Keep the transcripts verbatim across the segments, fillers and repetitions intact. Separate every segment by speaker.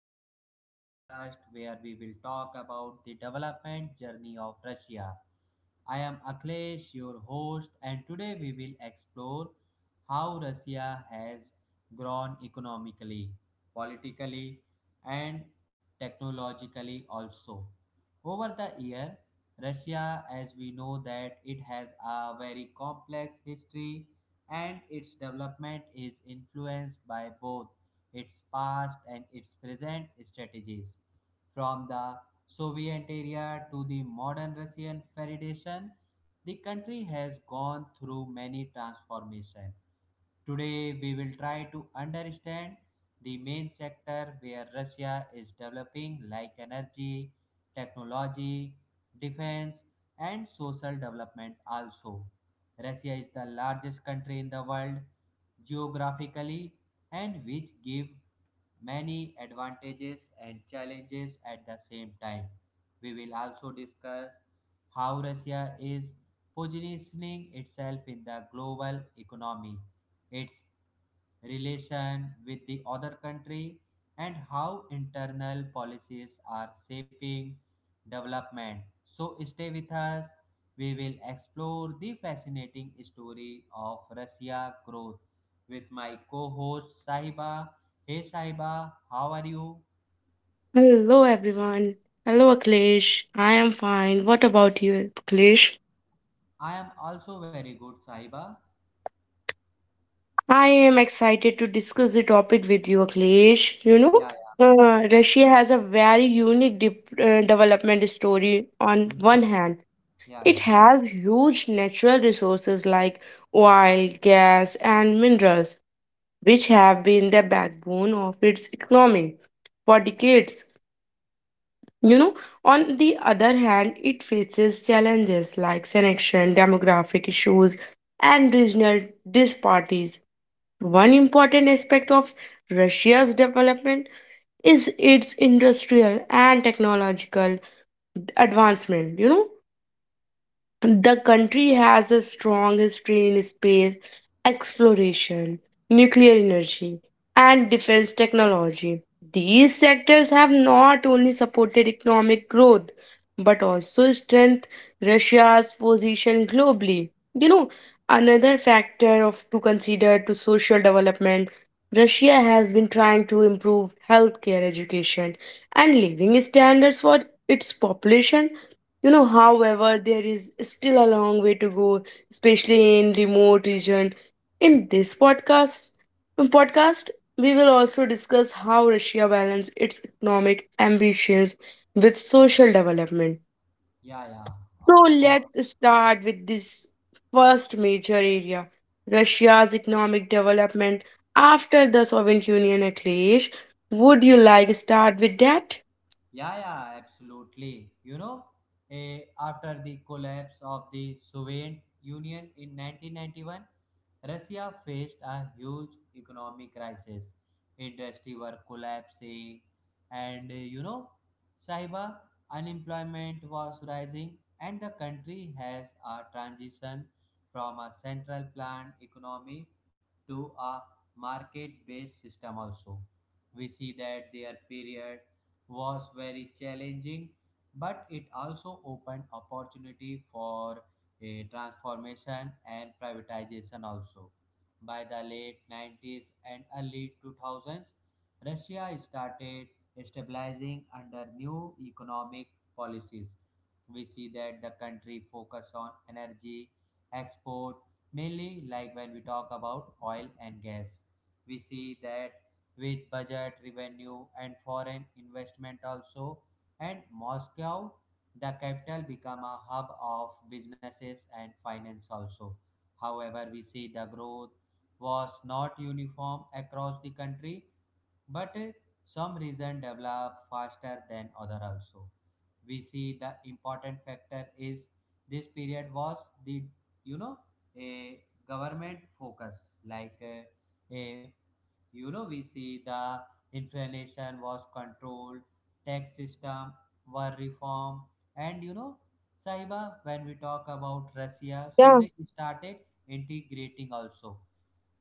Speaker 1: to today podcast where we will talk about the development journey of Russia. I am Akhilesh, your host, and today we will explore how Russia has grown economically, politically, and technologically also. Over the year, Russia, as we know that it has a very complex history and its development is influenced by both its past and its present strategies. From the Soviet area to the modern Russian Federation, the country has gone through many transformations. Today, we will try to understand the main sector where Russia is developing, like energy, technology, defense, and social development. Also, Russia is the largest country in the world geographically and which give many advantages and challenges at the same time. We will also discuss how Russia is positioning itself in the global economy. Its relation with the other country, and how internal policies are shaping development. So, stay with us. We will explore the fascinating story of Russia growth with my co host Sahiba. Hey Sahiba, how are you?
Speaker 2: Hello everyone. Hello Akhilesh. I am fine. What about you, Akhilesh?
Speaker 1: I am also very good, Sahiba.
Speaker 2: I am excited to discuss the topic with you, Akhilesh. You know,
Speaker 1: Yeah, yeah, yeah.
Speaker 2: uh, Russia has a very unique dip- uh, development story. On
Speaker 1: Mhm.
Speaker 2: one hand,
Speaker 1: Yeah,
Speaker 2: it
Speaker 1: yeah,
Speaker 2: has huge natural resources like oil, gas, and minerals, which
Speaker 1: yeah, yeah,
Speaker 2: have been the backbone of its economy for decades. You know, on the other hand, it faces challenges like selection, demographic issues, and regional disparities. One important aspect of Russia's development is its industrial and technological advancement. You know, the country has a strong history in space exploration, nuclear energy, and defense technology. These sectors have not only supported economic growth but also strengthened Russia's position globally. You know, another factor of to consider to social development, Russia has been trying to improve healthcare, education, and living standards for its population. You know, however, there is still a long way to go, especially in remote region. In this podcast, podcast, we will also discuss how Russia balances its economic ambitions with social development.
Speaker 1: yeah. Yeah.
Speaker 2: So
Speaker 1: Of course.
Speaker 2: let's start with this first major area, Russia's economic development after the Soviet Union clash. Would you like start with that?
Speaker 1: Yeah, yeah, absolutely. You know, eh, after the collapse of the Soviet Union in nineteen ninety-one, Russia faced a huge economic crisis. Industry were collapsing, and eh, you know, Sahiba, unemployment was rising, and the country has a transition from a central planned economy to a market based system. Also, we see that their period was very challenging, but it also opened opportunity for a transformation and privatization also. By the late nineties and early two thousands, Russia started stabilizing under new economic policies. We see that the country focus on energy export, mainly like when we talk about oil and gas. We see that with budget, revenue, and foreign investment also. And Moscow, the capital, become a hub of businesses and finance also. However, we see the growth was not uniform across the country, but eh, some region developed faster than other also. We see the important factor is this period was the, you know, a government focus like eh, a you know, we see the inflation was controlled, tax system were reformed, and you know, Sahiba, when we talk about Russia, so they started integrating also.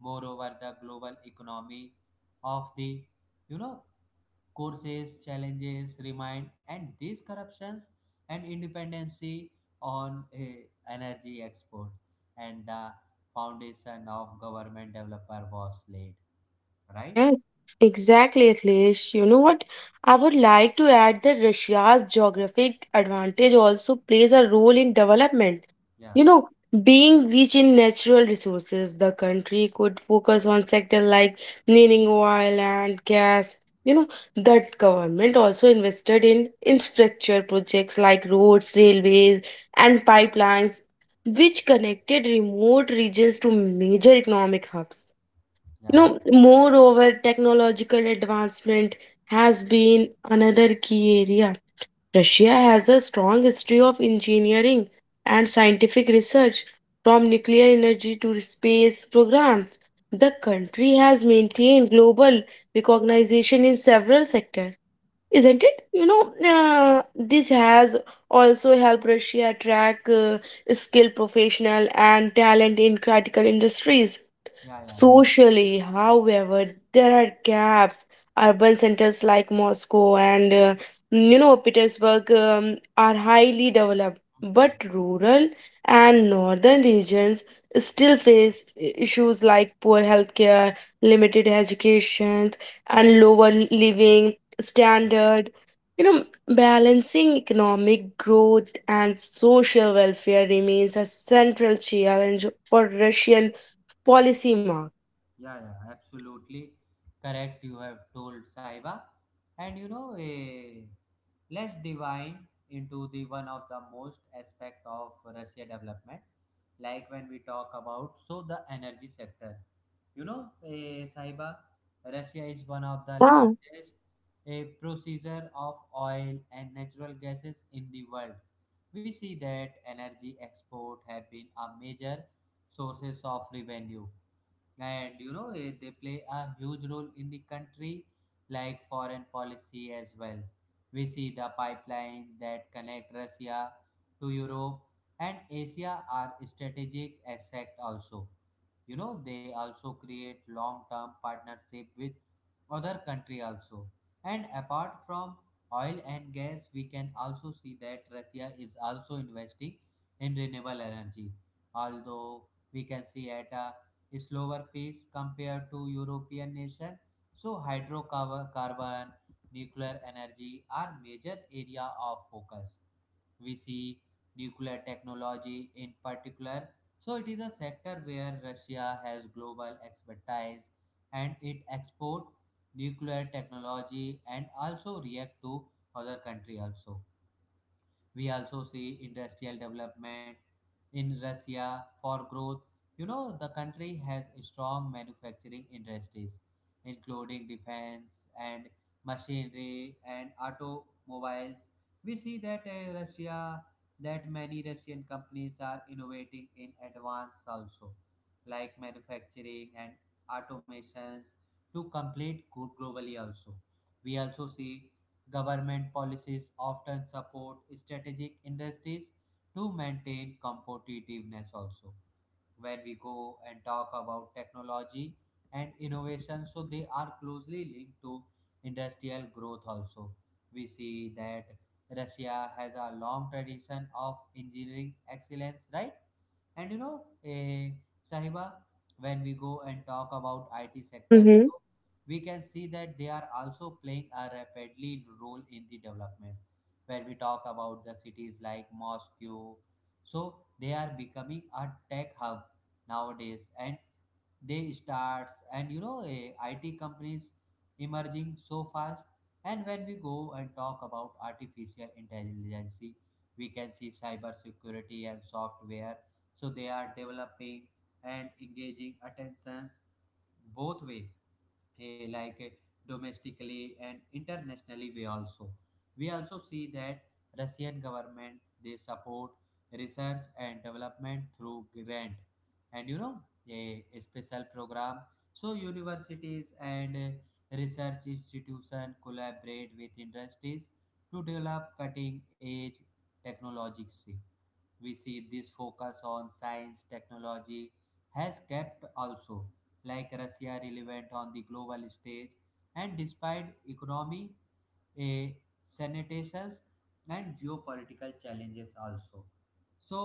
Speaker 1: Moreover, the global economy of the, you know, courses challenges remain, and these corruptions and independency on uh, energy export, and the foundation of government developer was laid right.
Speaker 2: Yes, exactly, Akhilesh. You know what? I would like to add that Russia's geographic advantage also plays a role in development.
Speaker 1: Yeah.
Speaker 2: You know, being rich in natural resources, the country could focus on sectors like mining oil and gas. You know, the government also invested in infrastructure projects like roads, railways, and pipelines, which connected remote regions to major economic hubs.
Speaker 1: Yeah,
Speaker 2: You
Speaker 1: yeah,
Speaker 2: know, moreover, technological advancement has been another key area. Russia has a strong history of engineering and scientific research, from nuclear energy to space programs. The country has maintained global recognition in several sectors, isn't it? You know, uh, this has also helped Russia attract uh, skilled professional and talent in critical industries.
Speaker 1: yeah, yeah, yeah.
Speaker 2: Socially, however, there are gaps. Urban centers like Moscow and uh, you know Petersburg um, are highly developed,
Speaker 1: Mhm.
Speaker 2: but rural and northern regions still face i- issues like poor healthcare, limited education, and lower living
Speaker 1: Yeah,
Speaker 2: standard. You know, balancing economic growth and social welfare remains a central challenge for Russian policy.
Speaker 1: yeah, yeah. Absolutely correct. You have told Saiba, and you know, eh, let's divine into the one of the most aspect of Russia development, like when we talk about so the energy sector. You know, eh, Sahiba, Russia is one of the
Speaker 2: Yeah.
Speaker 1: largest eh, producer of oil and natural gases in the world. We see that energy export have been a major sources of revenue, and you know, eh, they play a huge role in the country like foreign policy as well. We see the pipeline that connect Russia to Europe and Asia are strategic asset also. You know, they also create long term partnership with other country also. And apart from oil and gas, we can also see that Russia is also investing in renewable energy, although we can see at a slower pace compared to European nation. So hydrocarbon, carbon, nuclear energy are major area of focus. We see nuclear technology in particular. So it is a sector where Russia has global expertise, and it export nuclear technology and also react to other country also. We also see industrial development in Russia for growth. You know, the country has strong manufacturing industries, including defense and machinery and automobiles. We see that uh, Russia, that many Russian companies are innovating in advance also, like manufacturing and automations to complete good globally also. We also see government policies often support strategic industries to maintain competitiveness also. When we go and talk about technology and innovation, so they are closely linked to industrial growth also. We see that Russia has a long tradition of engineering excellence, right? And you know, eh, Sahiba, when we go and talk about I T sectors,
Speaker 2: Mm-hmm.
Speaker 1: so we can see that they are also playing a rapidly role in the development. When we talk about the cities like Moscow, so they are becoming a tech hub nowadays, and they starts, and you know, eh, it companies emerging so fast. And when we go and talk about artificial intelligence, we can see cyber security and software, so they are developing and engaging attentions both way, eh, like eh, domestically and internationally. We also we also see that Russian government, they support research and development through grant, and you know, a, a special program. So universities and eh, research institution collaborate with industries to develop cutting edge technologies. We see this focus on science technology has kept also like Russia relevant on the global stage, and despite economy, a sanitations and geopolitical challenges also. So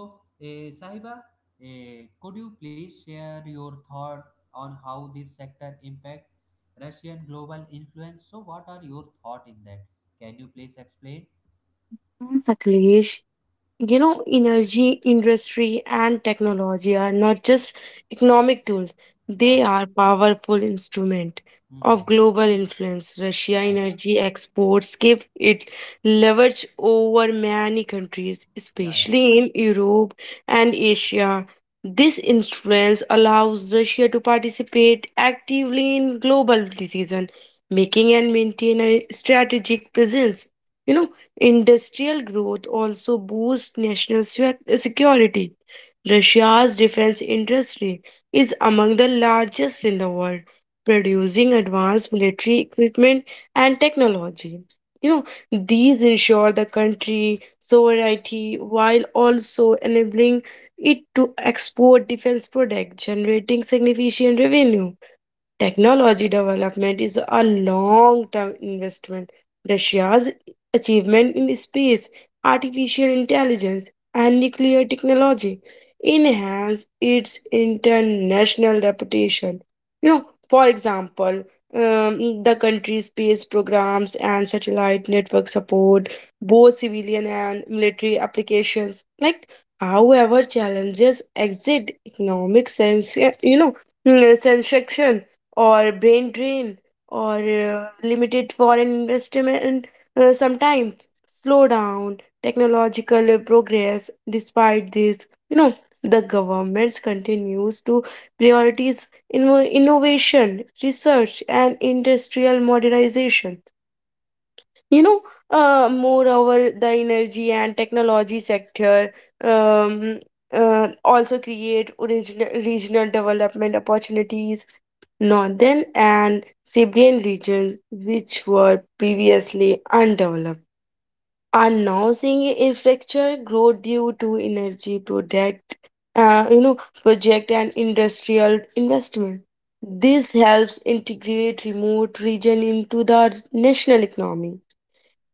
Speaker 1: eh, Sahiba, eh, could you please share your thought on how this sector impact Russian global influence? So what are your thought in that? Can you please explain?
Speaker 2: Mm, Saklesh, you know, energy, industry, and technology are not just economic tools.
Speaker 1: Yeah,
Speaker 2: They
Speaker 1: yeah.
Speaker 2: are powerful instrument of
Speaker 1: Hmm.
Speaker 2: global influence. Russia
Speaker 1: Yeah, yeah,
Speaker 2: energy exports give it leverage over many countries,
Speaker 1: yeah, yeah, yeah,
Speaker 2: especially in Europe and Asia. This influence allows Russia to participate actively in global decision making and maintain a strategic presence. You know, Industrial growth also boosts national swe- security. Russia's defense industry is among the largest in the world, producing advanced military equipment and technology. You know, these ensure the country sovereignty while also enabling it to export defense products, generating significant revenue. Technology development is a long term investment. Russia's achievement in space, artificial intelligence, and nuclear technology enhance its international reputation. You know, for example, um, the country's space programs and satellite network support both civilian and military applications. Like, however, challenges exist economic sense. you know, mm, Sanction or brain drain or uh, limited foreign investment uh, sometimes slow down technological uh, progress despite this. you know the government continues to prioritize inno- innovation research and industrial modernization. you know uh, Moreover, the energy and technology sector um, uh, also create original regional development opportunities. Northern and Siberian regions, which were previously undeveloped, are now seeing infrastructure growth due to energy project, uh, you know, project and industrial investment. This helps integrate remote region into the national economy.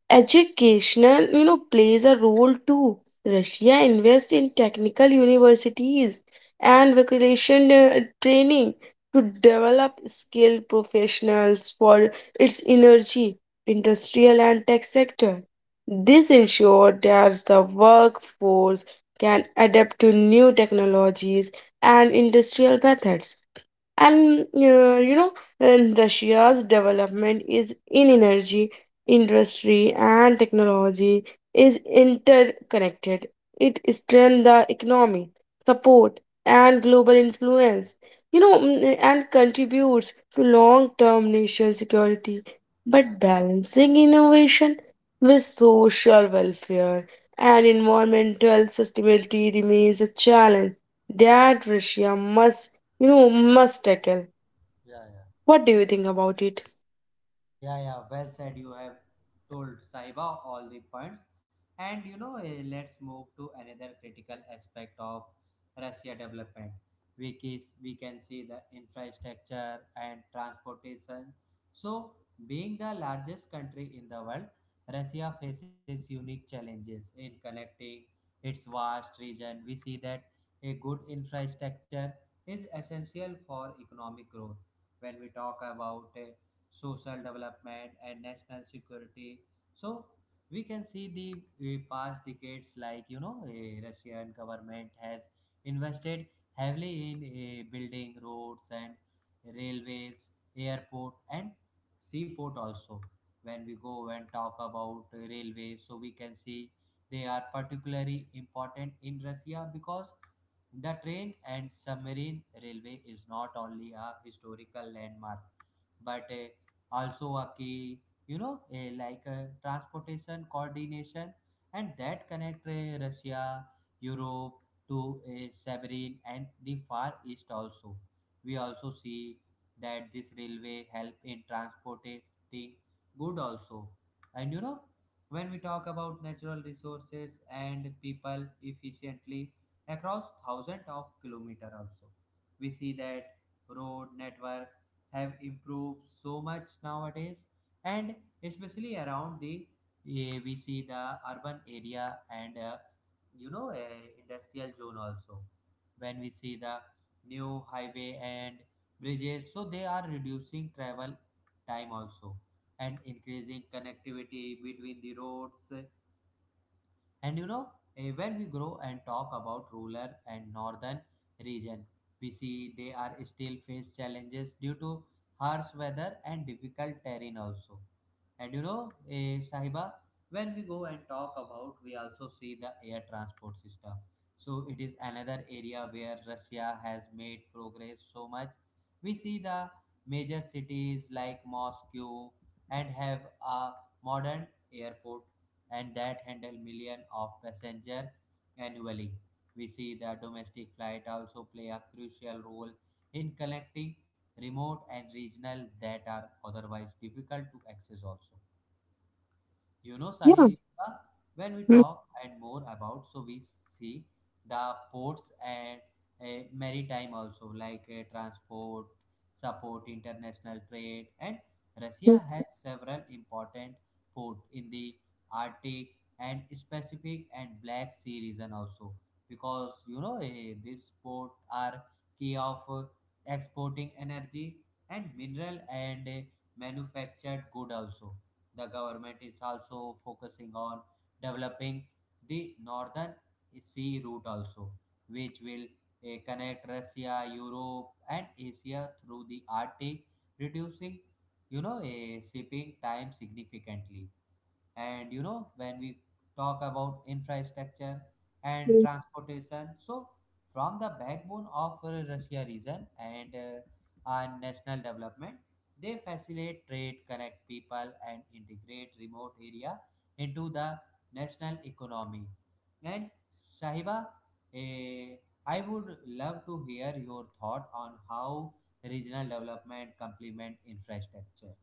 Speaker 2: Educational, you know, plays a role too. Russia invests in technical universities and vocational uh, training to develop skilled professionals for its energy, industrial, and tech sector. This ensures that the workforce can adapt to new technologies and industrial methods. And uh, you know, and Russia's development is in energy, industry, and technology is interconnected. It strengthens the economy, support, and global influence. You know, mm, and contributes to long-term nation security.
Speaker 1: yeah,
Speaker 2: But balancing innovation with social welfare and environmental sustainability remains a challenge that Russia must you must tackle.
Speaker 1: yeah. Yeah, yeah,
Speaker 2: What do you think about it?
Speaker 1: yeah, yeah. Well said. You have told Saiba all the points, and you know, eh, let's move to another critical aspect of Russia development. We can we can see the infrastructure and transportation. So, being the largest country in the world, Russia faces unique challenges in connecting its vast region. We see that a good infrastructure is essential for economic growth. When we talk about eh, social development and national security, so we can see the uh, past decades like, you know, a Russian government has invested heavily in uh, building roads and railways, airport, and seaport also. When we go and talk about uh, railways, so we can see they are particularly important in Russia because the train and submarine railway is not only a historical landmark but uh, also a key, you know, uh, like uh, transportation coordination, and that connect uh, Russia, Europe to uh, Siberian and the Far East also. We also see that this railway help in transporting good also. And you know, when we talk about natural resources and people efficiently across thousands of kilometers also. We see that road network have improved so much nowadays, and especially around the eh, we see the urban area and uh, you know, uh, industrial zone also. When we see the new highway and bridges, so they are reducing travel time also and increasing connectivity between the roads. And you know, eh, when we grow and talk about rural and northern region, we see they are still face challenges due to harsh weather and difficult terrain also. And you know, eh, Sahiba, when we go and talk about, we also see the air transport system. So it is another area where Russia has made progress so much. We see the major cities like Moscow and have a modern airport and that handle millions of passengers annually. We see the domestic flight also play a crucial role in connecting remote and regional that are otherwise difficult to access also. You know,
Speaker 2: Yeah.
Speaker 1: Sahiba, when we
Speaker 2: Mhm.
Speaker 1: talk and more about, so we see the ports and uh, maritime also, like uh, transport, support international trade, and Russia has several important port in the Arctic and Pacific and Black Sea region also, because you know, eh, these ports are key of uh, exporting energy and mineral and uh, manufactured good also. The government is also focusing on developing the northern sea route also, which will eh, connect Russia, Europe, and Asia through the Arctic, reducing, you know, eh, shipping time significantly. And you know, when we talk about infrastructure and
Speaker 2: Mhm.
Speaker 1: transportation, so from the backbone of uh, Russia region and uh, our national development, they facilitate trade, connect people, and integrate remote area into the national economy. And Sahiba, eh, I would love to hear your thought on how regional development complement infrastructure.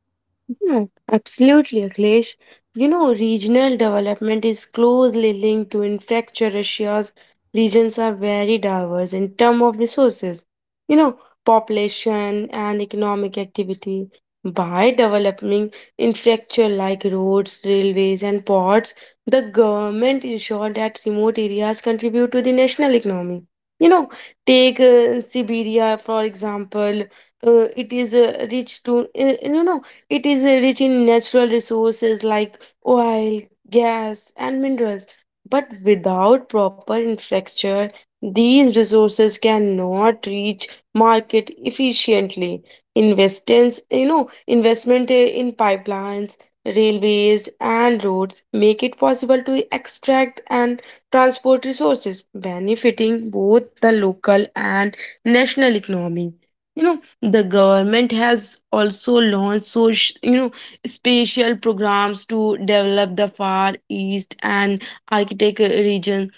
Speaker 2: Yeah, absolutely, Akhilesh. You know, regional development is closely linked to infrastructure. Russia's regions are very diverse in terms of resources, you know, population and economic activity. By developing infrastructure like roads, railways, and ports, the government ensure that remote areas contribute to the national economy. You know, take uh, Siberia, for example. Uh, it is uh, rich to, uh, you know, It is uh, rich in natural resources like oil, gas, and minerals. But without proper infrastructure, these resources cannot reach market efficiently. Investments, you know, investment uh, in pipelines, railways, and roads make it possible to extract and transport resources, benefiting both the local and national economy. You know, the government has also launched social you know special programs to develop the Far East and Arctic region.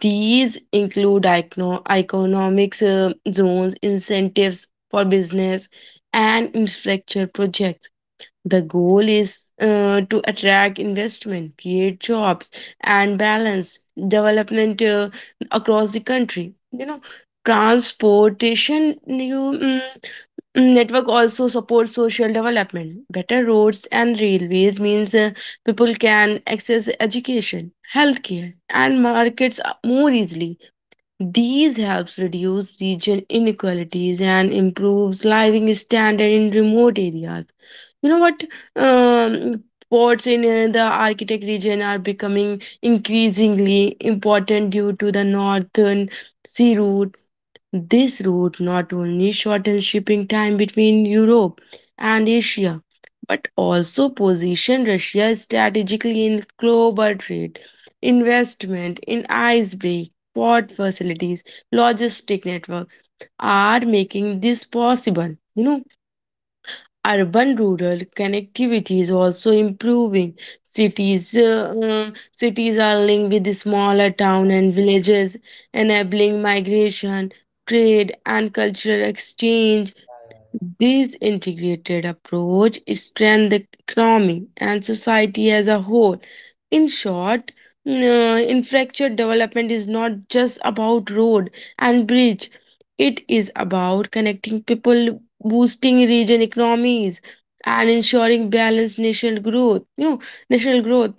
Speaker 2: These include icono- economics uh, zones incentives for business and infrastructure projects. The goal is uh, to attract investment, create jobs, and balance development uh, across the country. You know transportation you mm, Mm, network also supports social development. Better roads and railways means uh, people can access education, healthcare, and markets uh, more easily. These helps reduce region inequalities and improves living standard in remote areas. You know what, um, ports in uh, the Arctic region are becoming increasingly important due to the Northern Sea Route. This route not only shortened shipping time between Europe and Asia, but also positioned Russia strategically in global trade, investment in icebreak, port facilities, logistic network are making this possible. You know, urban rural connectivity is also improving. Cities uh, um, cities are linked with the smaller town and villages, enabling migration, trade, and cultural exchange.
Speaker 1: Yeah, yeah, yeah.
Speaker 2: This integrated approach strengthens the economy and society as a whole. In short, mm, uh, infrastructure development is not just about road and bridge. It is about connecting people, boosting region economies, and ensuring balanced national growth. You know, national growth.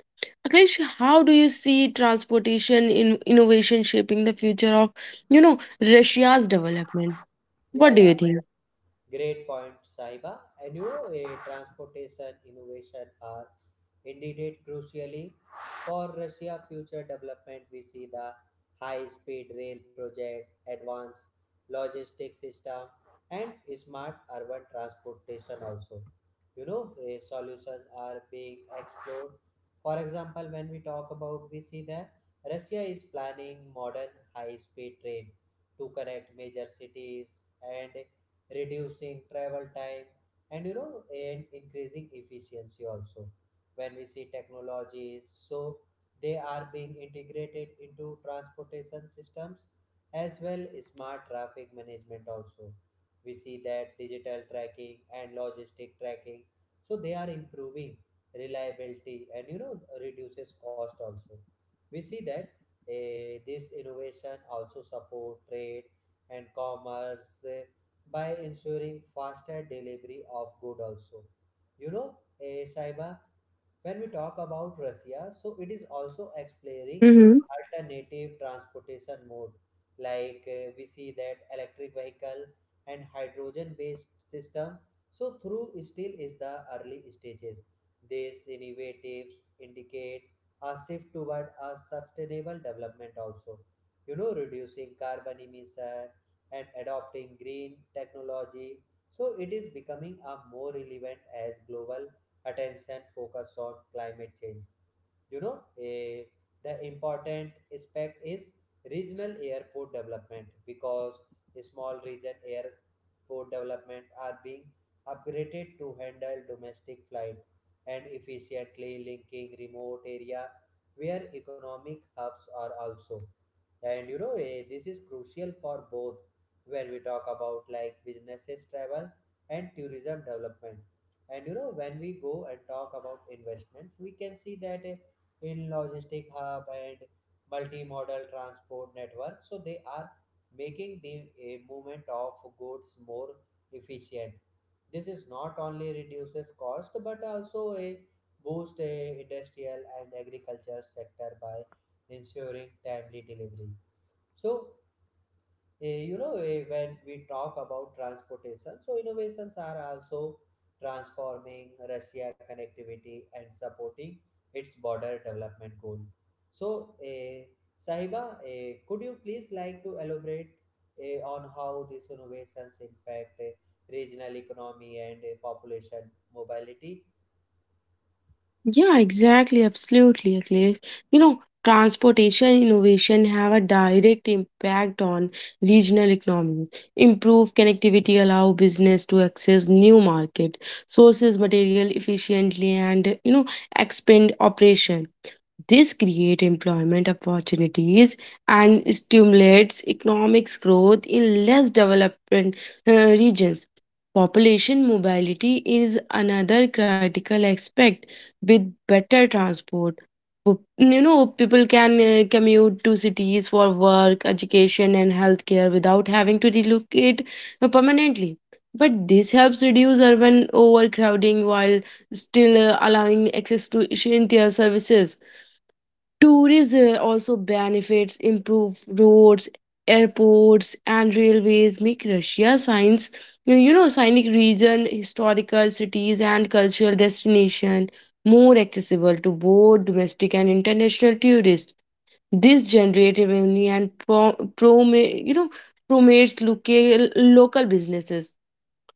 Speaker 2: Akhilesh, how do you see transportation in innovation shaping the future of, you know, Russia's development?
Speaker 1: Yeah,
Speaker 2: What do
Speaker 1: yeah.
Speaker 2: you
Speaker 1: Great point, Sahiba. And you know, eh, transportation innovation are indeed crucially for Russia future development. We see the high-speed rail project, advanced logistics system, and smart urban transportation also. You know, eh, solutions are being explored. For example, when we talk about, we see that Russia is planning modern high-speed train to connect major cities and reducing travel time, and you know, and increasing efficiency also. When we see technologies, so they are being integrated into transportation systems as well as smart traffic management also. We see that digital tracking and logistic tracking, so they are improving reliability, and you know, reduces cost also. We see that eh, this innovation also support trade and commerce eh, by ensuring faster delivery of good also. You know, eh, Saiba, when we talk about Russia, so it is also exploring
Speaker 2: think?
Speaker 1: alternative transportation mode. Like uh, we see that electric vehicle and hydrogen based system. So through still is the early stages. These innovatives indicate a shift toward a sustainable development also. You know, reducing carbon emission and adopting green technology. So it is becoming a more relevant as global attention focus on climate change. You know, eh, the important aspect is regional airport development because small region airport development are being upgraded to handle domestic flight and efficiently linking remote area where economic hubs are also. And you know eh, This is crucial for both when we talk about like businesses travel and tourism development. And you know When we go and talk about investments we can see that eh, in logistic hub and multimodal transport network, so they are making the eh, movement of goods more efficient. This is not only reduces cost but also a boost a industrial and agriculture sector by ensuring timely delivery. So, eh, you know, eh, when we talk about transportation, so innovations are also transforming Russia connectivity and supporting its border development goal. So, eh, Sahiba, eh, could you please like to elaborate eh, on how these innovations impact eh, regional economy and eh, population mobility?
Speaker 2: Yeah, exactly. Absolutely, Akhilesh. You know, transportation innovation have a direct impact on regional economies. Improve connectivity allow business to access new market, sources material efficiently and, you know, expand operation. This creates employment opportunities and stimulates economic growth in less developed uh, regions. Population mobility is another critical aspect. With better transport, Po- you know, people can uh, commute to cities for work, education, and healthcare without having to relocate uh, permanently. But this helps reduce urban overcrowding while still uh, allowing access to essential services. Tourism also benefits improved roads, airports, and railways make Russia science, you know, scenic region, historical cities, and cultural destination more accessible to both domestic and international tourists. This generates revenue and pro, prom, you know, promotes local local businesses.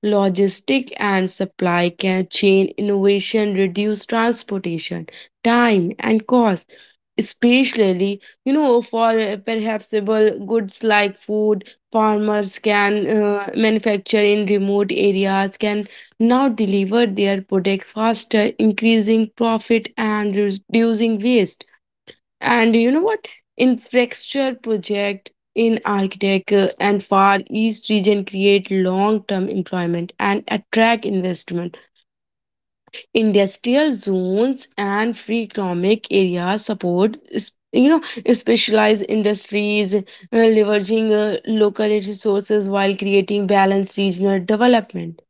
Speaker 2: Logistic and supply ca- chain innovation reduce transportation time and cost, especially you know for uh, perhapsable goods like food. Farmers can uh, manufacture in remote areas can now deliver their product faster, increasing profit and reducing waste. And you know what? Infrastructure project in architecture and Far East region create long-term employment and attract investment. Industrial zones and free economic areas support s- you know specialized industries, uh, leveraging uh, local resources while creating balanced regional development.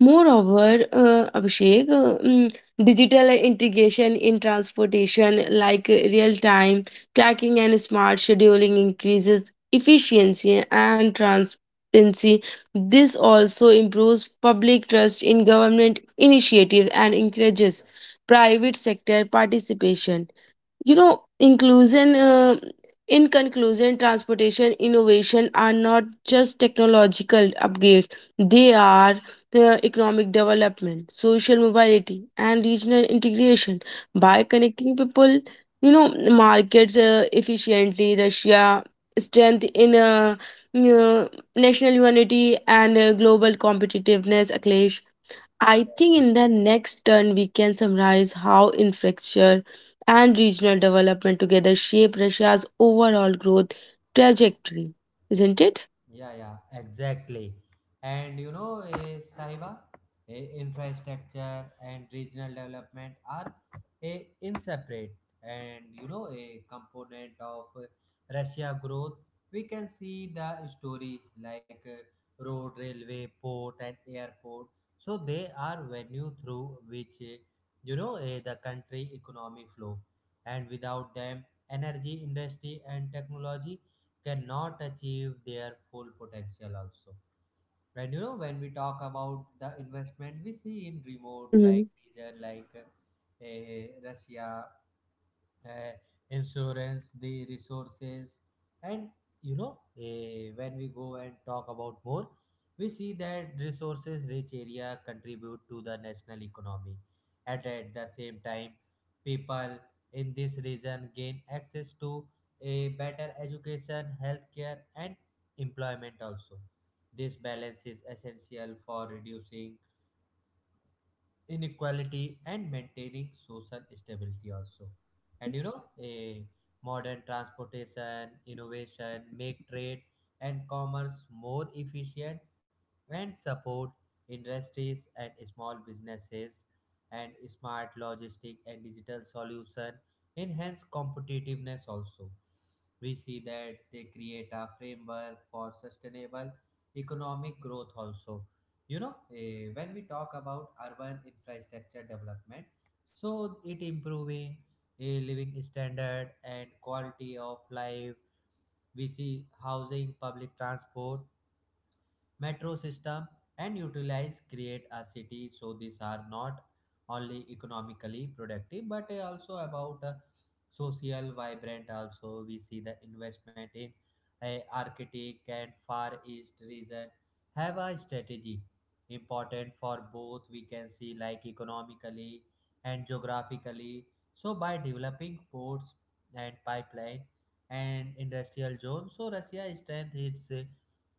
Speaker 2: Moreover, uh, Abhishek, uh, mm, digital integration in transportation like real time tracking and smart scheduling increases efficiency and transparency. This also improves public trust in government initiatives and encourages private sector participation. You know inclusion uh, In conclusion, transportation innovation are not just technological upgrades. They are the economic development, social mobility, and regional integration
Speaker 1: Yeah,
Speaker 2: by connecting people, you know markets uh, efficiently. Russia strength in uh, uh, national unity and uh, global competitiveness, Akhilesh. I think in the next turn we can summarize how infrastructure and regional development together shape Russia's overall growth trajectory, isn't it?
Speaker 1: Yeah, yeah, exactly. And you know, eh, Sahiba, eh, infrastructure and regional development are a inseparate and you know a component of eh, Russia growth. We can see the story like eh, road, railway, port, and airport. So they are venue through which eh, you know eh, the country economy flow, and without them, energy industry and technology cannot achieve their full potential also. Right, you know, when we talk about the investment we see in remote like
Speaker 2: Hmm.
Speaker 1: region like uh, Russia, uh, insurance, the resources, and you know, eh, when we go and talk about more, we see that resources rich area contribute to the national economy, and at the same time, people in this region gain access to a better education, healthcare, and employment also. This balance is essential for reducing inequality and maintaining social stability also. And you know a modern transportation innovation make trade and commerce more efficient and support industries and small businesses, and smart logistic and digital solution enhance competitiveness also. We see that they create a framework for sustainable economic growth also. You know eh, when we talk about urban infrastructure development, so it improving a living standard and quality of life. We see housing, public transport, metro system, and utilize create a city, so these are not only economically productive but uh, also about uh, social vibrant also. We see the investment in uh, arctic and far east region have a strategy important for both, we can see like economically and geographically. So by developing ports and pipeline and industrial zone, so Russia strengthens its uh,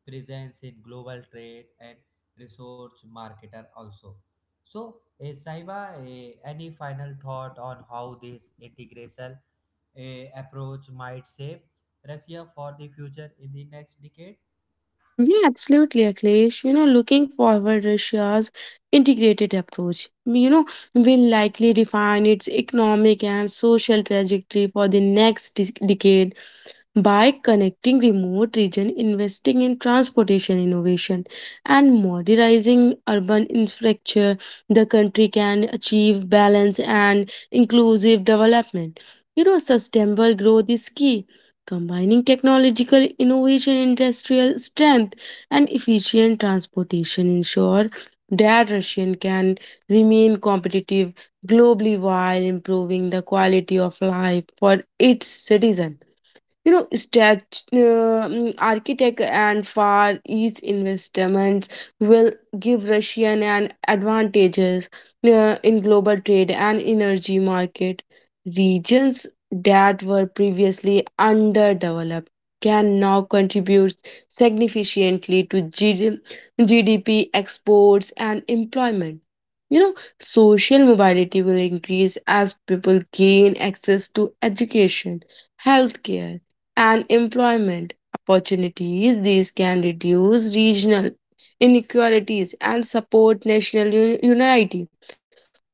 Speaker 1: presence in global trade and resource marketer also. So, eh, Sahiba, eh, any final thought on how this integration eh, approach might shape Russia for the future in the next decade?
Speaker 2: Yeah, absolutely, Akhilesh. You know, looking forward, Russia's integrated approach, you know, will likely define its economic and social trajectory for the next dec- decade. By connecting remote regions, investing in transportation innovation, and modernizing urban infrastructure, the country can achieve balance and inclusive development. You know, sustainable growth is key. Combining technological innovation, industrial strength, and efficient transportation ensure that Russian can remain competitive globally while improving the quality of life for its citizens. You know stat- um, architect and Far East investments will give Russian an advantages uh, in global trade and energy market. Regions that were previously underdeveloped can now contribute significantly to GD- gdp exports and employment. you know Social mobility will increase as people gain access to education, healthcare, and employment opportunities. These can reduce regional inequalities and support national uni- unity.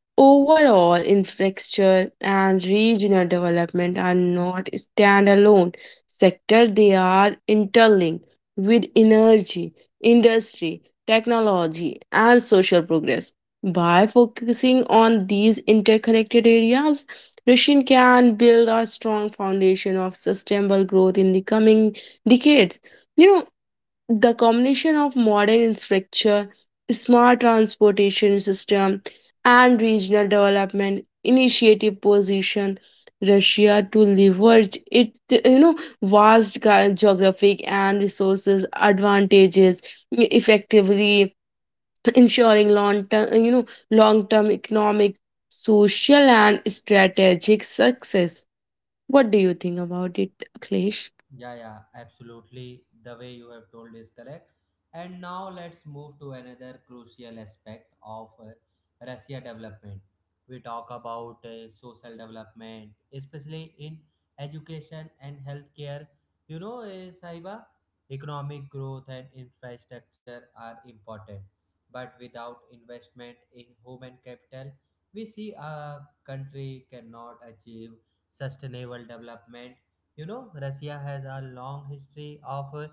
Speaker 2: Overall, infrastructure and regional development are not standalone sectors, they are interlinked with energy, industry, technology, and social progress. By focusing on these interconnected areas, Russia can build a strong foundation of sustainable growth in the coming decades. You know, the combination of modern infrastructure, smart transportation system, and regional development initiative position Russia to leverage it, you know, vast ge- geographic and resources advantages, effectively ensuring long term, you know, long term economic, social, and strategic success. What do you think about it, Akhilesh?
Speaker 1: Yeah, yeah, absolutely. The way you have told is correct. And now let's move to another crucial aspect of uh, Russia development. We talk about uh, social development, especially in education and healthcare. You know, uh, Saiba, economic growth and infrastructure are important. But without investment in human capital, we see a country cannot achieve sustainable development. You know, Russia has a long history of uh,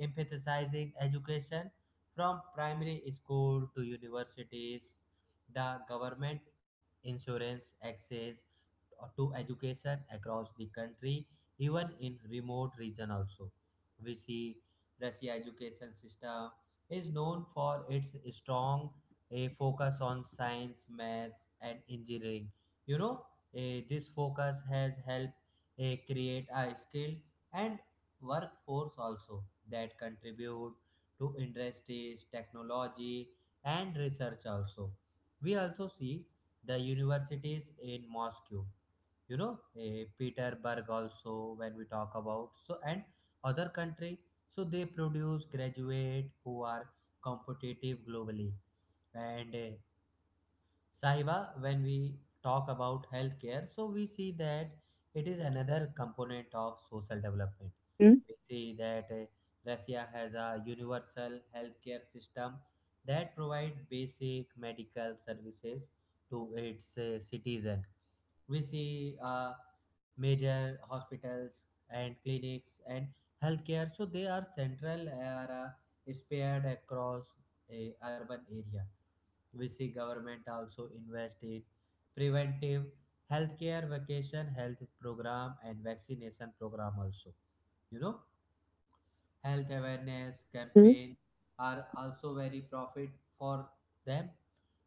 Speaker 1: emphasizing education from primary school to universities, the government, insurance, access, to education across the country even in remote region also. We see Russia education system is known for its strong a focus on science, maths, and engineering. you know eh, this focus has helped eh, create a skill and workforce also that contribute to industries, technology, and research also. We also see the universities in Moscow, you know, eh, Petersburg also when we talk about, so and other country, so they produce graduate who are competitive globally. And eh, Sahiba, when we talk about healthcare, so we see that it is another component of social development.
Speaker 2: Mm-hmm.
Speaker 1: We see that uh, Russia has a universal healthcare system that provide basic medical services to its uh, citizen. We see uh, major hospitals and clinics and healthcare, so they are central are uh, spared across a urban area. We see government also invest in preventive healthcare, vacation health program, and vaccination program also. You know, health awareness campaign are also very profit for them,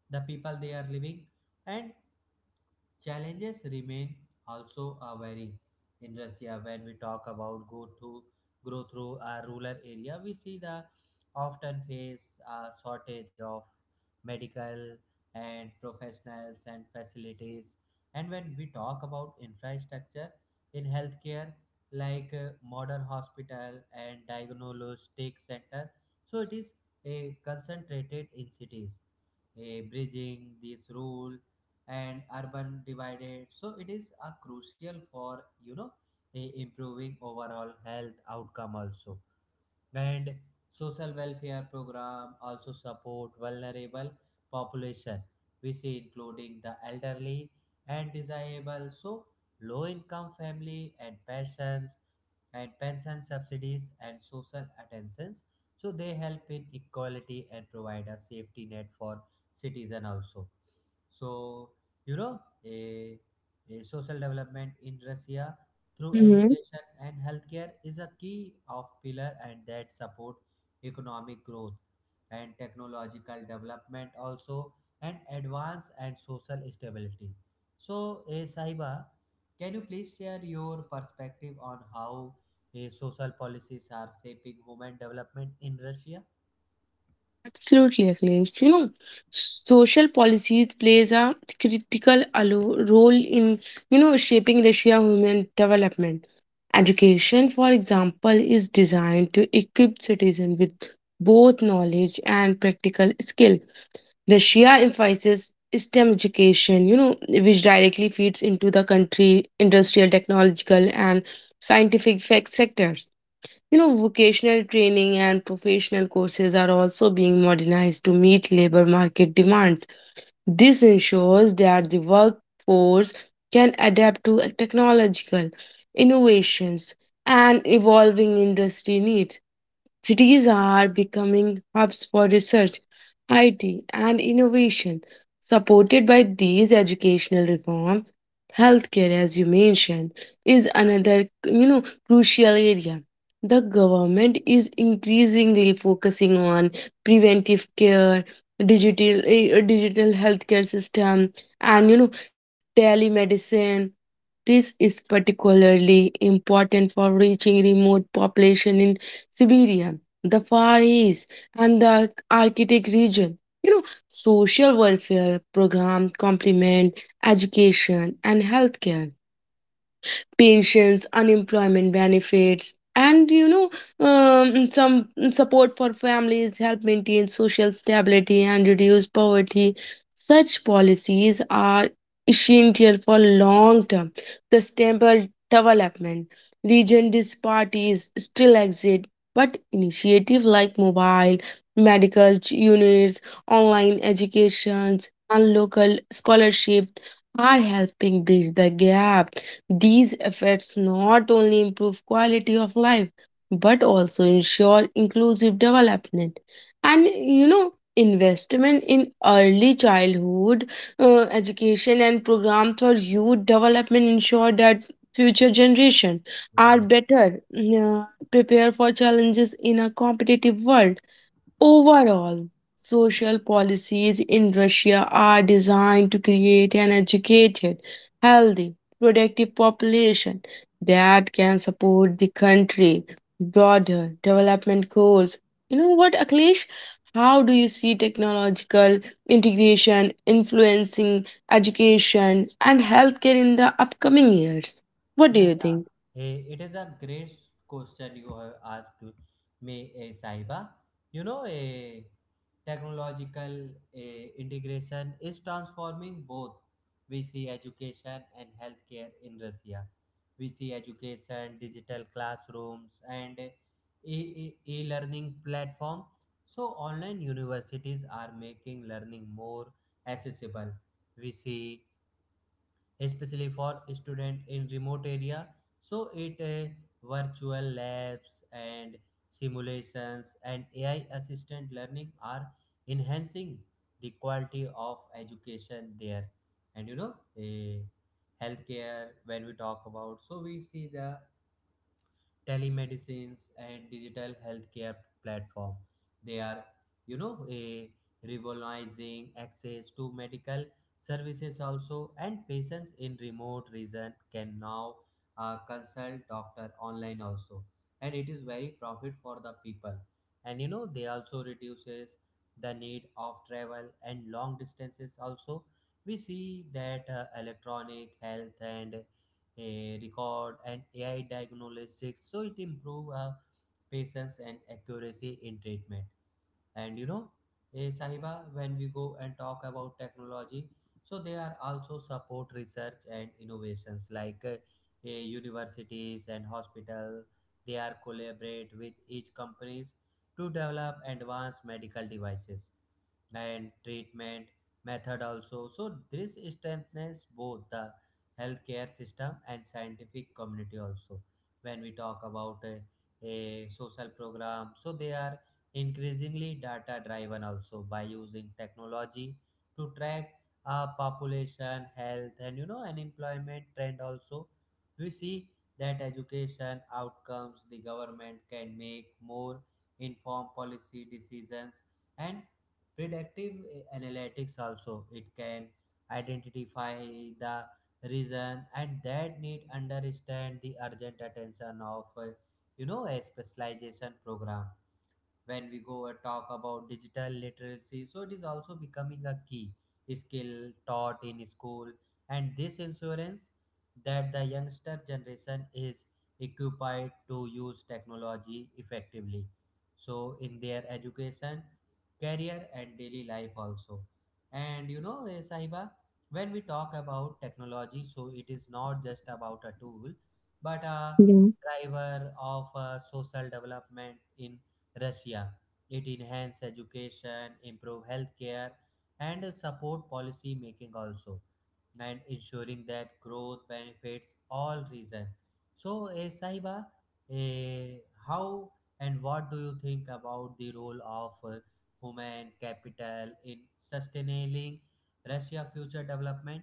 Speaker 1: the people they are living, and challenges remain also a varying. In Russia, when we talk about go to grow through a rural area, we see the often face a shortage of medical and professionals and facilities. And when we talk about infrastructure in healthcare, like uh, modern hospital and diagnostic center, so it is a concentrated in cities. A bridging this rural and urban divided, so it is a crucial for you know a improving overall health outcome also. And social welfare program also support vulnerable population, we see, including the elderly and disabled, so low income family and patients and pension subsidies and social attentions, so they help in equality and provide a safety net for citizen also. So, you know a, a social development in Russia through education and healthcare is a key of pillar and that support economic growth and technological development also and advance and social stability. So eh, Sahiba, can you please share your perspective on how Eh, social policies are shaping women development in Russia?
Speaker 2: Absolutely, Akhilesh. You know, social policies plays a critical alo- role in, you know, shaping Russia human development. Education, for example, is designed to equip citizens with both knowledge and practical skill. Russia emphasizes STEM education, you know, which directly feeds into the country industrial, technological, and scientific fac- sectors. You know, vocational training and professional courses are also being modernized to meet labor market demands. This ensures that the workforce can adapt to technological innovations and evolving industry needs. Cities are becoming hubs for research, I T, and innovation. Supported by these educational reforms, healthcare, as you mentioned, is another you know crucial area. The government is increasingly focusing on preventive care, digital eh, digital healthcare system, and you know telemedicine. This is particularly important for reaching remote population in Siberia, the Far East, and the Arctic region. You know, social welfare program complement education and healthcare pensions, unemployment benefits, and you know um, some support for families help maintain social stability and reduce poverty. Such policies are essential for long term sustainable development. Region disparities still exist, but initiatives like mobile medical ch- units, online educations, and local scholarships are helping bridge the gap. These efforts not only improve quality of life but also ensure inclusive development. And you know, investment in early childhood uh, education and programs for youth development ensure that future generation
Speaker 1: Yeah,
Speaker 2: are
Speaker 1: yeah.
Speaker 2: better uh, prepared for challenges in a competitive world. Overall, social policies in Russia are designed to create an educated, healthy, productive population that can support the country broader development goals. You know what, Akhilesh? How do you see technological integration influencing education and healthcare in the upcoming years? What do
Speaker 1: Yeah,
Speaker 2: you think?
Speaker 1: yeah. Eh, It is a great question you have asked me, eh, Saiba. You know, eh, technological eh, integration is transforming both. We see education and healthcare in Russia. We see education, digital classrooms, and eh, e- e- e-learning platform. So online universities are making learning more accessible. We see especially for student in remote area, so it uh, virtual labs and simulations and AI assistant learning are enhancing the quality of education there. And you know uh, healthcare when we talk about, so we see the telemedicines and digital healthcare platform, they are you know a revolutionizing access to medical services also. And patients in remote region can now uh, consult doctor online also, and it is very profit for the people, and you know they also reduces the need of travel and long distances also. We see that uh, electronic health and a record and A I diagnostics. So it improve uh, patience and accuracy in treatment. And you know, eh, Sahiba, when we go and talk about technology, so they are also support research and innovations like uh, eh, universities and hospital. They are collaborate with each companies to develop advanced medical devices and treatment method also, so this strengthens both the healthcare system and scientific community also. When we talk about a, a social program, so they are increasingly data driven also by using technology to track uh, population health and you know unemployment trend also. We see that education outcomes, the government can make more informed policy decisions. And predictive eh, analytics also, it can identify the reason and that need understand the urgent attention of uh, you know a specialization program. When we go and talk about digital literacy, so it is also becoming a key skill taught in school, and this insurance that the youngster generation is equipped to use technology effectively, so in their education, career and daily life also. And you know eh, Sahiba, when we talk about technology, so it is not just about a tool but a driver of uh, social development in Russia. It enhances education, improve healthcare, and support policy making also, and ensuring that growth benefits all region. So, eh, Sahiba, eh, how and what do you think about the role of eh, human capital in sustaining Russia future development?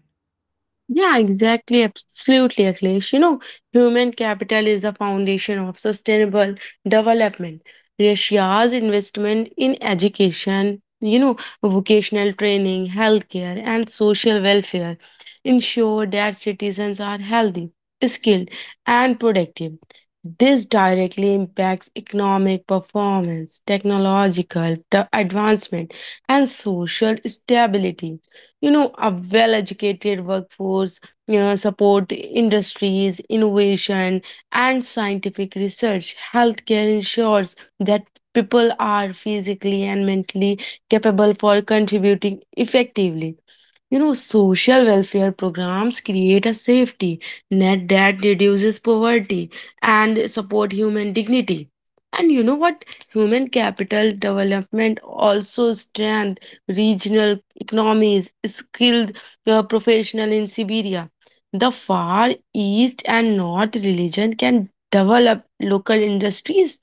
Speaker 2: Yeah, exactly. Absolutely, Akhilesh. You know, human capital is the foundation of sustainable development. Russia's investment in education, you know, vocational training, healthcare, and social welfare ensure that citizens are healthy, skilled, and productive. This directly impacts economic performance, technological de- advancement, and social stability. You know, a well educated workforce, you know, support industries innovation and scientific research healthcare ensures that people are physically and mentally capable for contributing effectively. You know, social welfare programs create a safety net that reduces poverty and support human dignity. And you know what? Human capital development also strengthens regional economies, skilled uh, professional in Siberia. The Far East and North region can develop local industries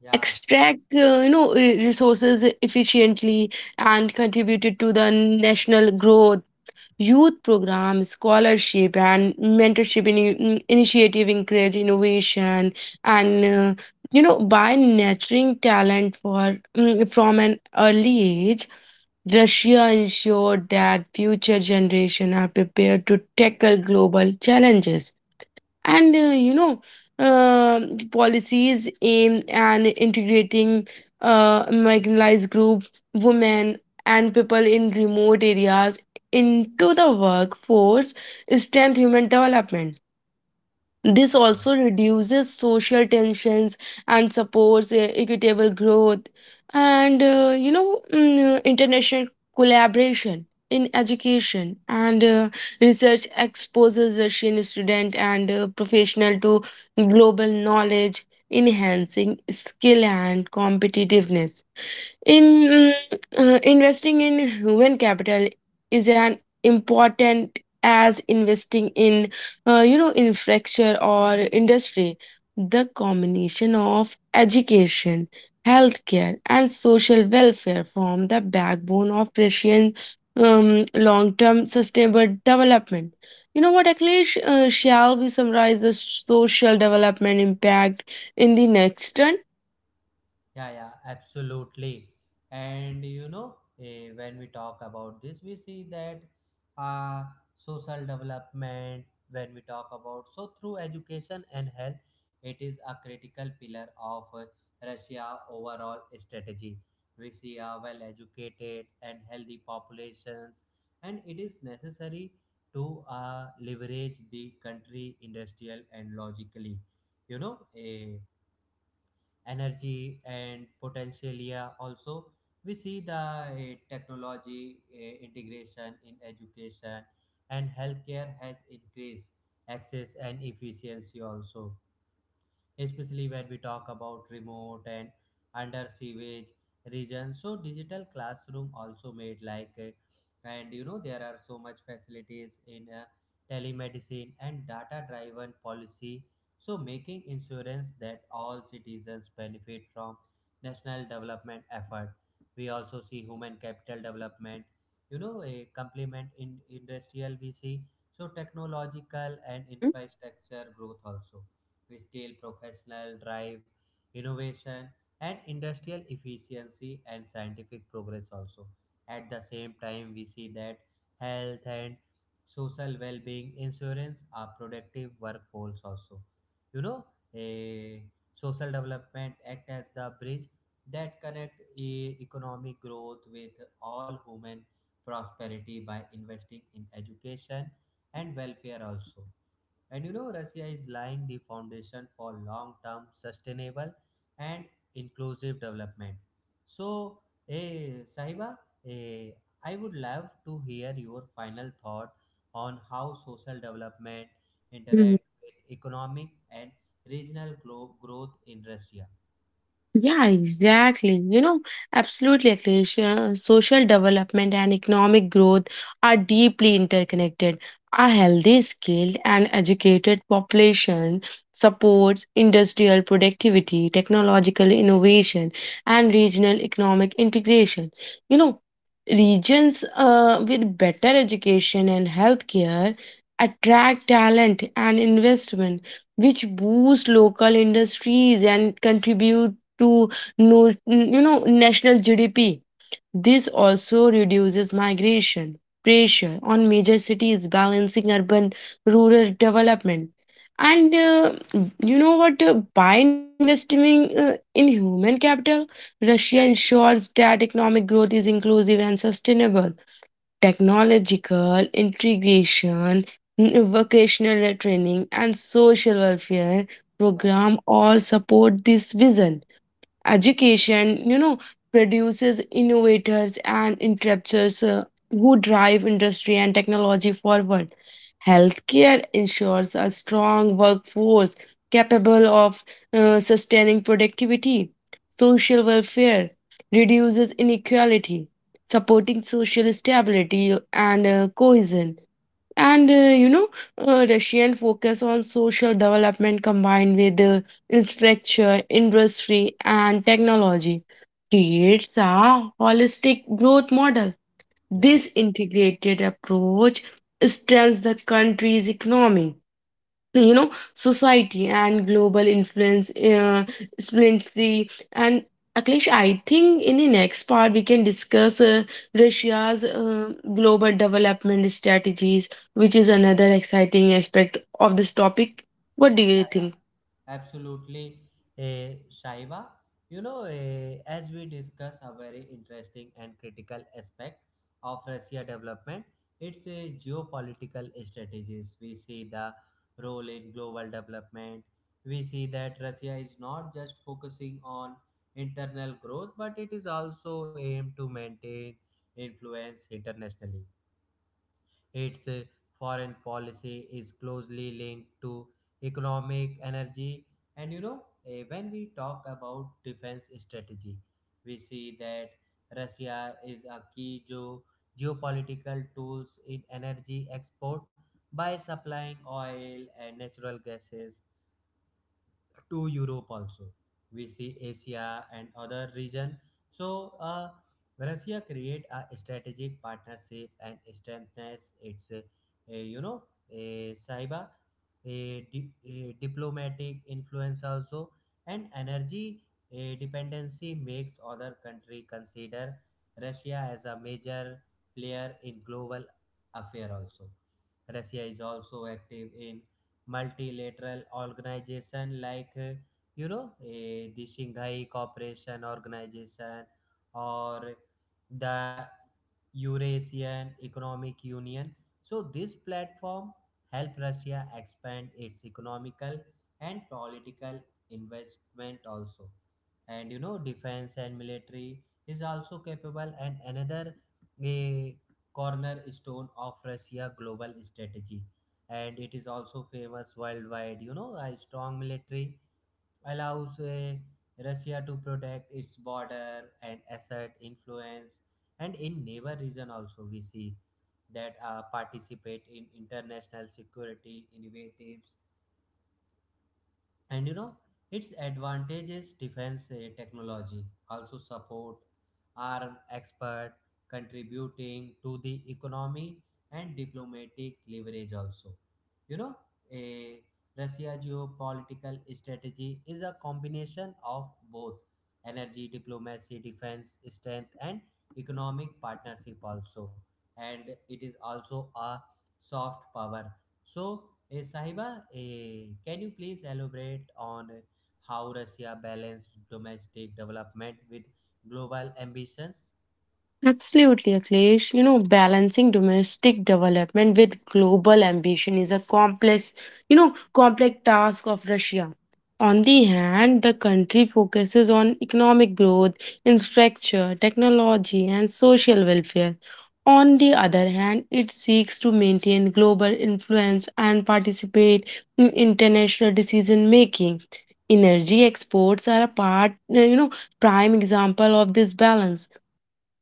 Speaker 1: Yeah,
Speaker 2: extract uh, you know re- resources efficiently and contributed to the national growth. Youth programs, scholarship, and mentorship in, initiative encourage innovation and uh, you know by nurturing talent for mm, from an early age. Russia ensured that future generations are prepared to tackle global challenges and uh, you know um policies aim at integrating uh, marginalized group women and people in remote areas into the workforce strength human development.
Speaker 1: yeah,
Speaker 2: This
Speaker 1: yeah.
Speaker 2: also reduces social tensions and supports uh, equitable growth and, uh, you know, mm, uh, international collaboration in education and uh, research exposes Russian student and uh, professional to global knowledge, enhancing skill and competitiveness. In mm, uh, Investing in human capital is an important as investing in uh, you know infrastructure or industry. The combination of education, healthcare, and social welfare form the backbone of Russian um, long-term sustainable development. You know what, Akhilesh? Uh, shall we summarize the social development impact in the next turn?
Speaker 1: Yeah, yeah, absolutely. And you know, eh, when we talk about this, we see that uh, social development, when we talk about so through education and health, it is a critical pillar of uh, Russia overall strategy. We see a well-educated and healthy populations, and it is necessary to uh, leverage the country industrial and logically you know a energy and potential yeah also. We see the eh, technology eh, integration in education and healthcare has increased access and efficiency also, especially when we talk about remote and under sewage regions. So digital classroom also made like, uh, and you know there are so much facilities in uh, telemedicine and data driven policy. So making insurance that all citizens benefit from national development effort. We also see human capital development, you know, a complement in industrial we see. So technological and
Speaker 2: Mm-hmm.
Speaker 1: infrastructure growth also we scale, professional drive, innovation, and industrial efficiency and scientific progress also. At the same time, we see that health and social well-being insurance are productive workforce also. You know, a social development act as the bridge that connect e- economic growth with all human prosperity by investing in education and welfare also. And you know, Russia is laying the foundation for long term sustainable and inclusive development. So, eh, Sahiba, eh, I would love to hear your final thought on how social development interact with economic and regional glo- growth in Russia.
Speaker 2: Yeah, exactly. You know, absolutely, Akhilesh. Uh, Social development and economic growth are deeply interconnected. A healthy, skilled, and educated population supports industrial productivity, technological innovation, and regional economic integration. You know, regions uh, with better education and healthcare attract talent and investment, which boost local industries and contribute to no, you know national G D P. This also reduces migration pressure on major cities, balancing urban rural development. And uh, you know what? Uh, by investing uh, in human capital, Russia ensures that economic growth is inclusive and sustainable. Technological integration, n- vocational training, and social welfare
Speaker 1: Yeah,
Speaker 2: program all support this vision. Education, you know, produces innovators and entrepreneurs uh, who drive industry and technology forward. Healthcare ensures a strong workforce capable of uh, sustaining productivity. Social welfare reduces inequality, supporting social stability and uh, cohesion and uh, you know uh, russian focus on social development combined with uh, infrastructure industry and technology creates a holistic growth model.
Speaker 1: yeah,
Speaker 2: This integrated approach strengthens the country's economy, you know, society and global influence uh, splendidly. And Akhilesh, I think in the next part we can discuss uh, Russia's uh, global development strategies, which is another exciting aspect of this topic. What do you think?
Speaker 1: yeah, Absolutely, eh, Shaiba. You know, eh, as we discuss a very interesting and critical aspect of Russia development, it's a geopolitical strategies. We see the role in global development. We see that Russia is not just focusing on internal growth, but it is also aimed to maintain influence internationally. Its uh, foreign policy is closely linked to economic energy. And you know, uh, when we talk about defense strategy, we see that Russia is a key geo- geopolitical tools in energy export by supplying oil and natural gases to Europe also. We see Asia and other region. So uh, Russia create a strategic partnership and strengthens its, uh, you know, a cyber, a, di- a diplomatic influence also, and energy uh, dependency makes other country consider Russia as a major player in global affair also. Russia is also active in multilateral organization like uh, you know eh, the Shanghai Cooperation Organization or the Eurasian Economic Union. So this platform help Russia expand its economical and political investment also. And you know defense and military is also capable and another a cornerstone of Russia global strategy and it is also famous worldwide. You know, a strong military allows uh, Russia to protect its border and assert influence. And in neighbor region also we see that uh, participate in international security initiatives and you know its advantages defense eh, technology also support arm expert contributing to the economy and diplomatic leverage also, you know, a russia geopolitical strategy is a combination of both energy diplomacy defense strength and economic partnership also, and it is also a soft power. So, eh, Sahiba, eh, can you please elaborate on uh, how Russia balanced domestic development with global ambitions?
Speaker 2: Absolutely, Akhilesh. You know, balancing domestic development with global ambition is a complex, you know, complex task of Russia. On the hand, the country focuses on economic growth, infrastructure, technology, and social welfare. On the other hand, it seeks to maintain global influence and participate in international decision making. Energy exports are a part, you know, prime example of this balance.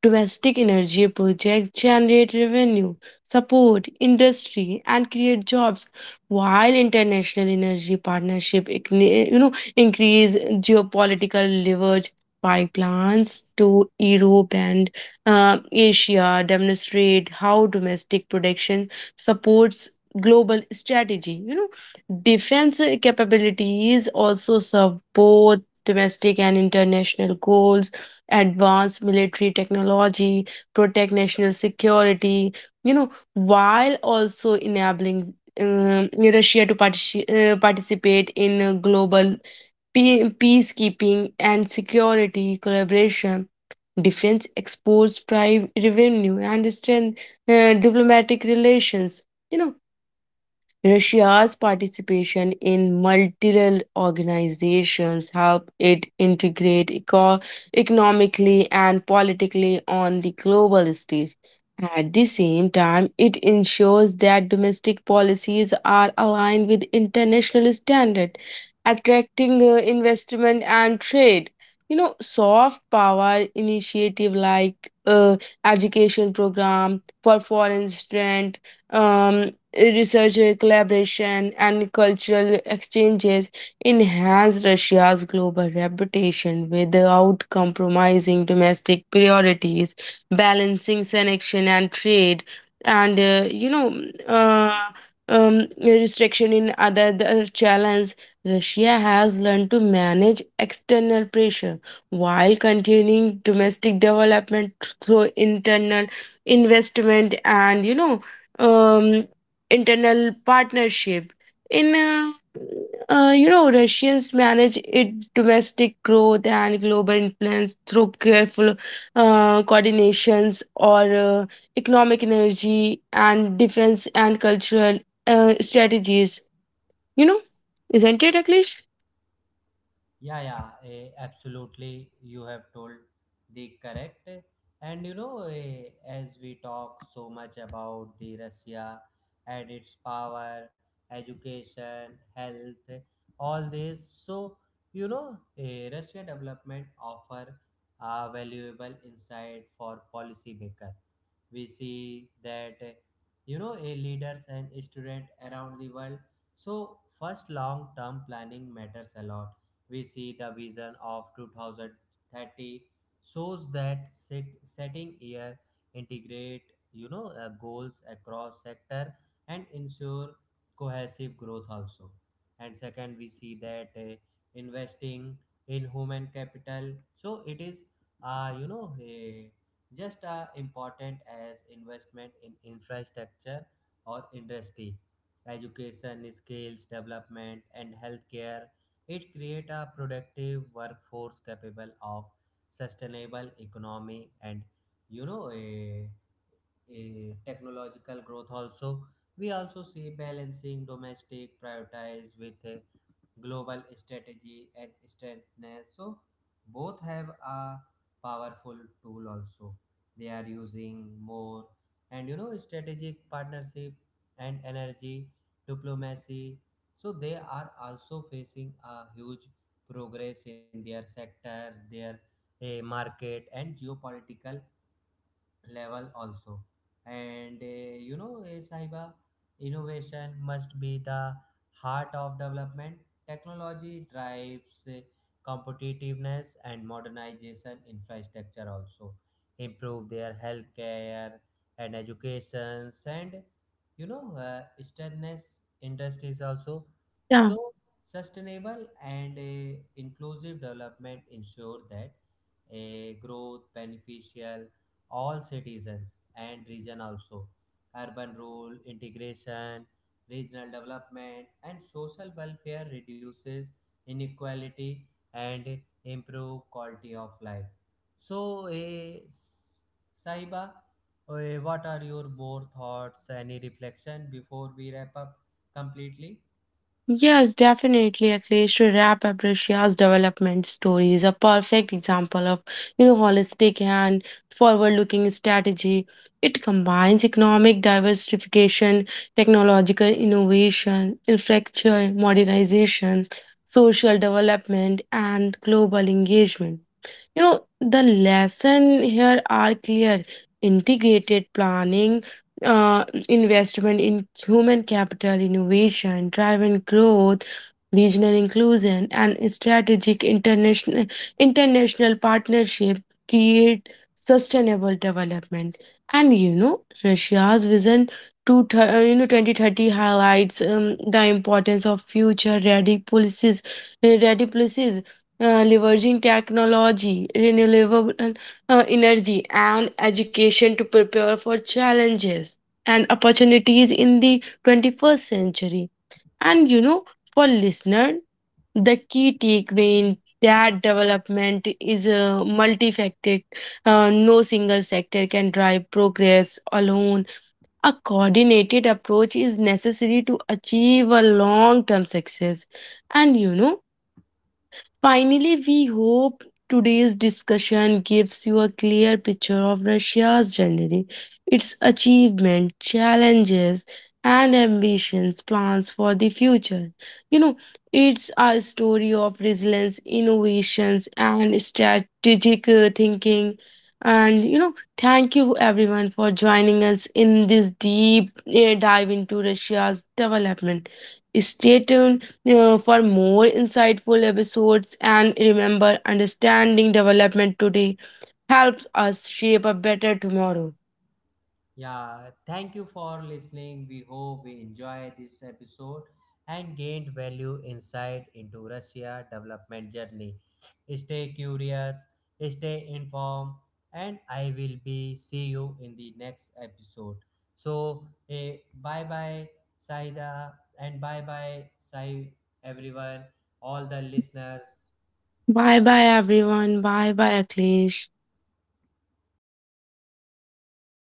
Speaker 2: Domestic energy projects generate revenue, support industry, and create jobs, while international energy partnership, igni- you know, increase geopolitical leverage. Pipelines to Europe and uh, Asia demonstrate how domestic production supports global strategy. You know, defense capabilities also serve both domestic and international goals. Advanced military technology, protect national security, you know, while also enabling um, Russia to partici- uh, participate in uh, global pe- peacekeeping and security collaboration. Defense exports, private revenue, and strength uh, diplomatic relations. You know, Russia's participation in multilateral organizations helped it integrate eco- economically and politically on the global stage. At the same time, it ensures that domestic policies are aligned with international standards, attracting uh, investment and trade. You know, soft power initiative like uh, education program for foreign student, um, Research uh, collaboration and cultural exchanges enhance Russia's global reputation without compromising domestic priorities, balancing sanction and trade, and uh, you know, uh, um, restriction in other the challenge. Russia has learned to manage external pressure while continuing domestic development through internal investment and you know Um, internal partnership. In uh, uh, You know, Russians manage it domestic growth and global influence through careful uh, coordinations or uh, economic energy and defense and cultural uh, strategies. You know, isn't it, Aklesh?
Speaker 1: Yeah, yeah, eh, absolutely. You have told the correct. And you know, eh, as we talk so much about the Russia and its power, education, health, all this, so you know, eh, Russia development offer a valuable insight for policymaker. We see that eh, you know, a leaders and student around the world. So first, long term planning matters a lot. We see the vision of two thousand thirty shows that set, setting year integrate you know uh, goals across sector and ensure cohesive growth also. And second we see that uh, investing in human capital, so it is uh, you know eh, just as important as investment in infrastructure or industry, education skills development and healthcare. It creates a productive workforce capable of sustainable economy and you know a a technological growth also. We also see balancing domestic prioritize with uh, global strategy and strengthness, so both have a powerful tool also. They are using more and you know strategic partnership and energy diplomacy, so they are also facing a huge progress in their sector, their eh, market and geopolitical level also. And uh, you know uh, sahiba, innovation must be the heart of development. Technology drives uh, competitiveness and modernization infrastructure also, improve their healthcare and educations and you know uh, strengthens industries also. So sustainable and uh, inclusive development ensure that a growth beneficial all citizens and region also. Urban rule, integration, regional development, and social welfare reduces inequality and improve quality of life. So, eh, S- Saiba, eh, what are your more thoughts? Any reflection before we wrap up completely?
Speaker 2: Yes, definitely. Akhilesh Rap Aprecia's development story is a perfect example of, you know, holistic and forward-looking strategy. It combines economic diversification, technological innovation, infrastructure modernization, social development, and global engagement. You know, the lesson here are clear. Integrated planning, uh, investment in human capital, innovation, driven growth, regional inclusion, and strategic international international partnership create sustainable development. And you know, Russia's vision to th- uh, you know twenty thirty highlights um, the importance of future ready policies, uh, ready policies uh, leveraging technology, renewable uh, energy, and education to prepare for challenges and opportunities in the twenty-first century. And you know, for listener, the key takeaway in that development is a multifaceted. Uh, no single sector can drive progress alone. A coordinated approach is necessary to achieve a long-term success. And you know, finally, we hope today's discussion gives you a clear picture of Russia's journey, its achievements, challenges, and ambitions, plans for the future. You know, it's a story of resilience, innovations, and strategic uh, thinking. And you know, thank you everyone for joining us in this deep uh, dive into Russia's development. Stay tuned uh, for more insightful episodes and remember understanding development today helps us shape a better tomorrow.
Speaker 1: Yeah, thank you for listening. We hope we enjoy this episode and gained value insight into Russia development journey. Stay curious, stay informed, and I will be see you in the next episode. So, eh, bye bye Saida and bye bye Sai everyone, all the listeners.
Speaker 2: Bye bye everyone. Bye bye Akhilesh.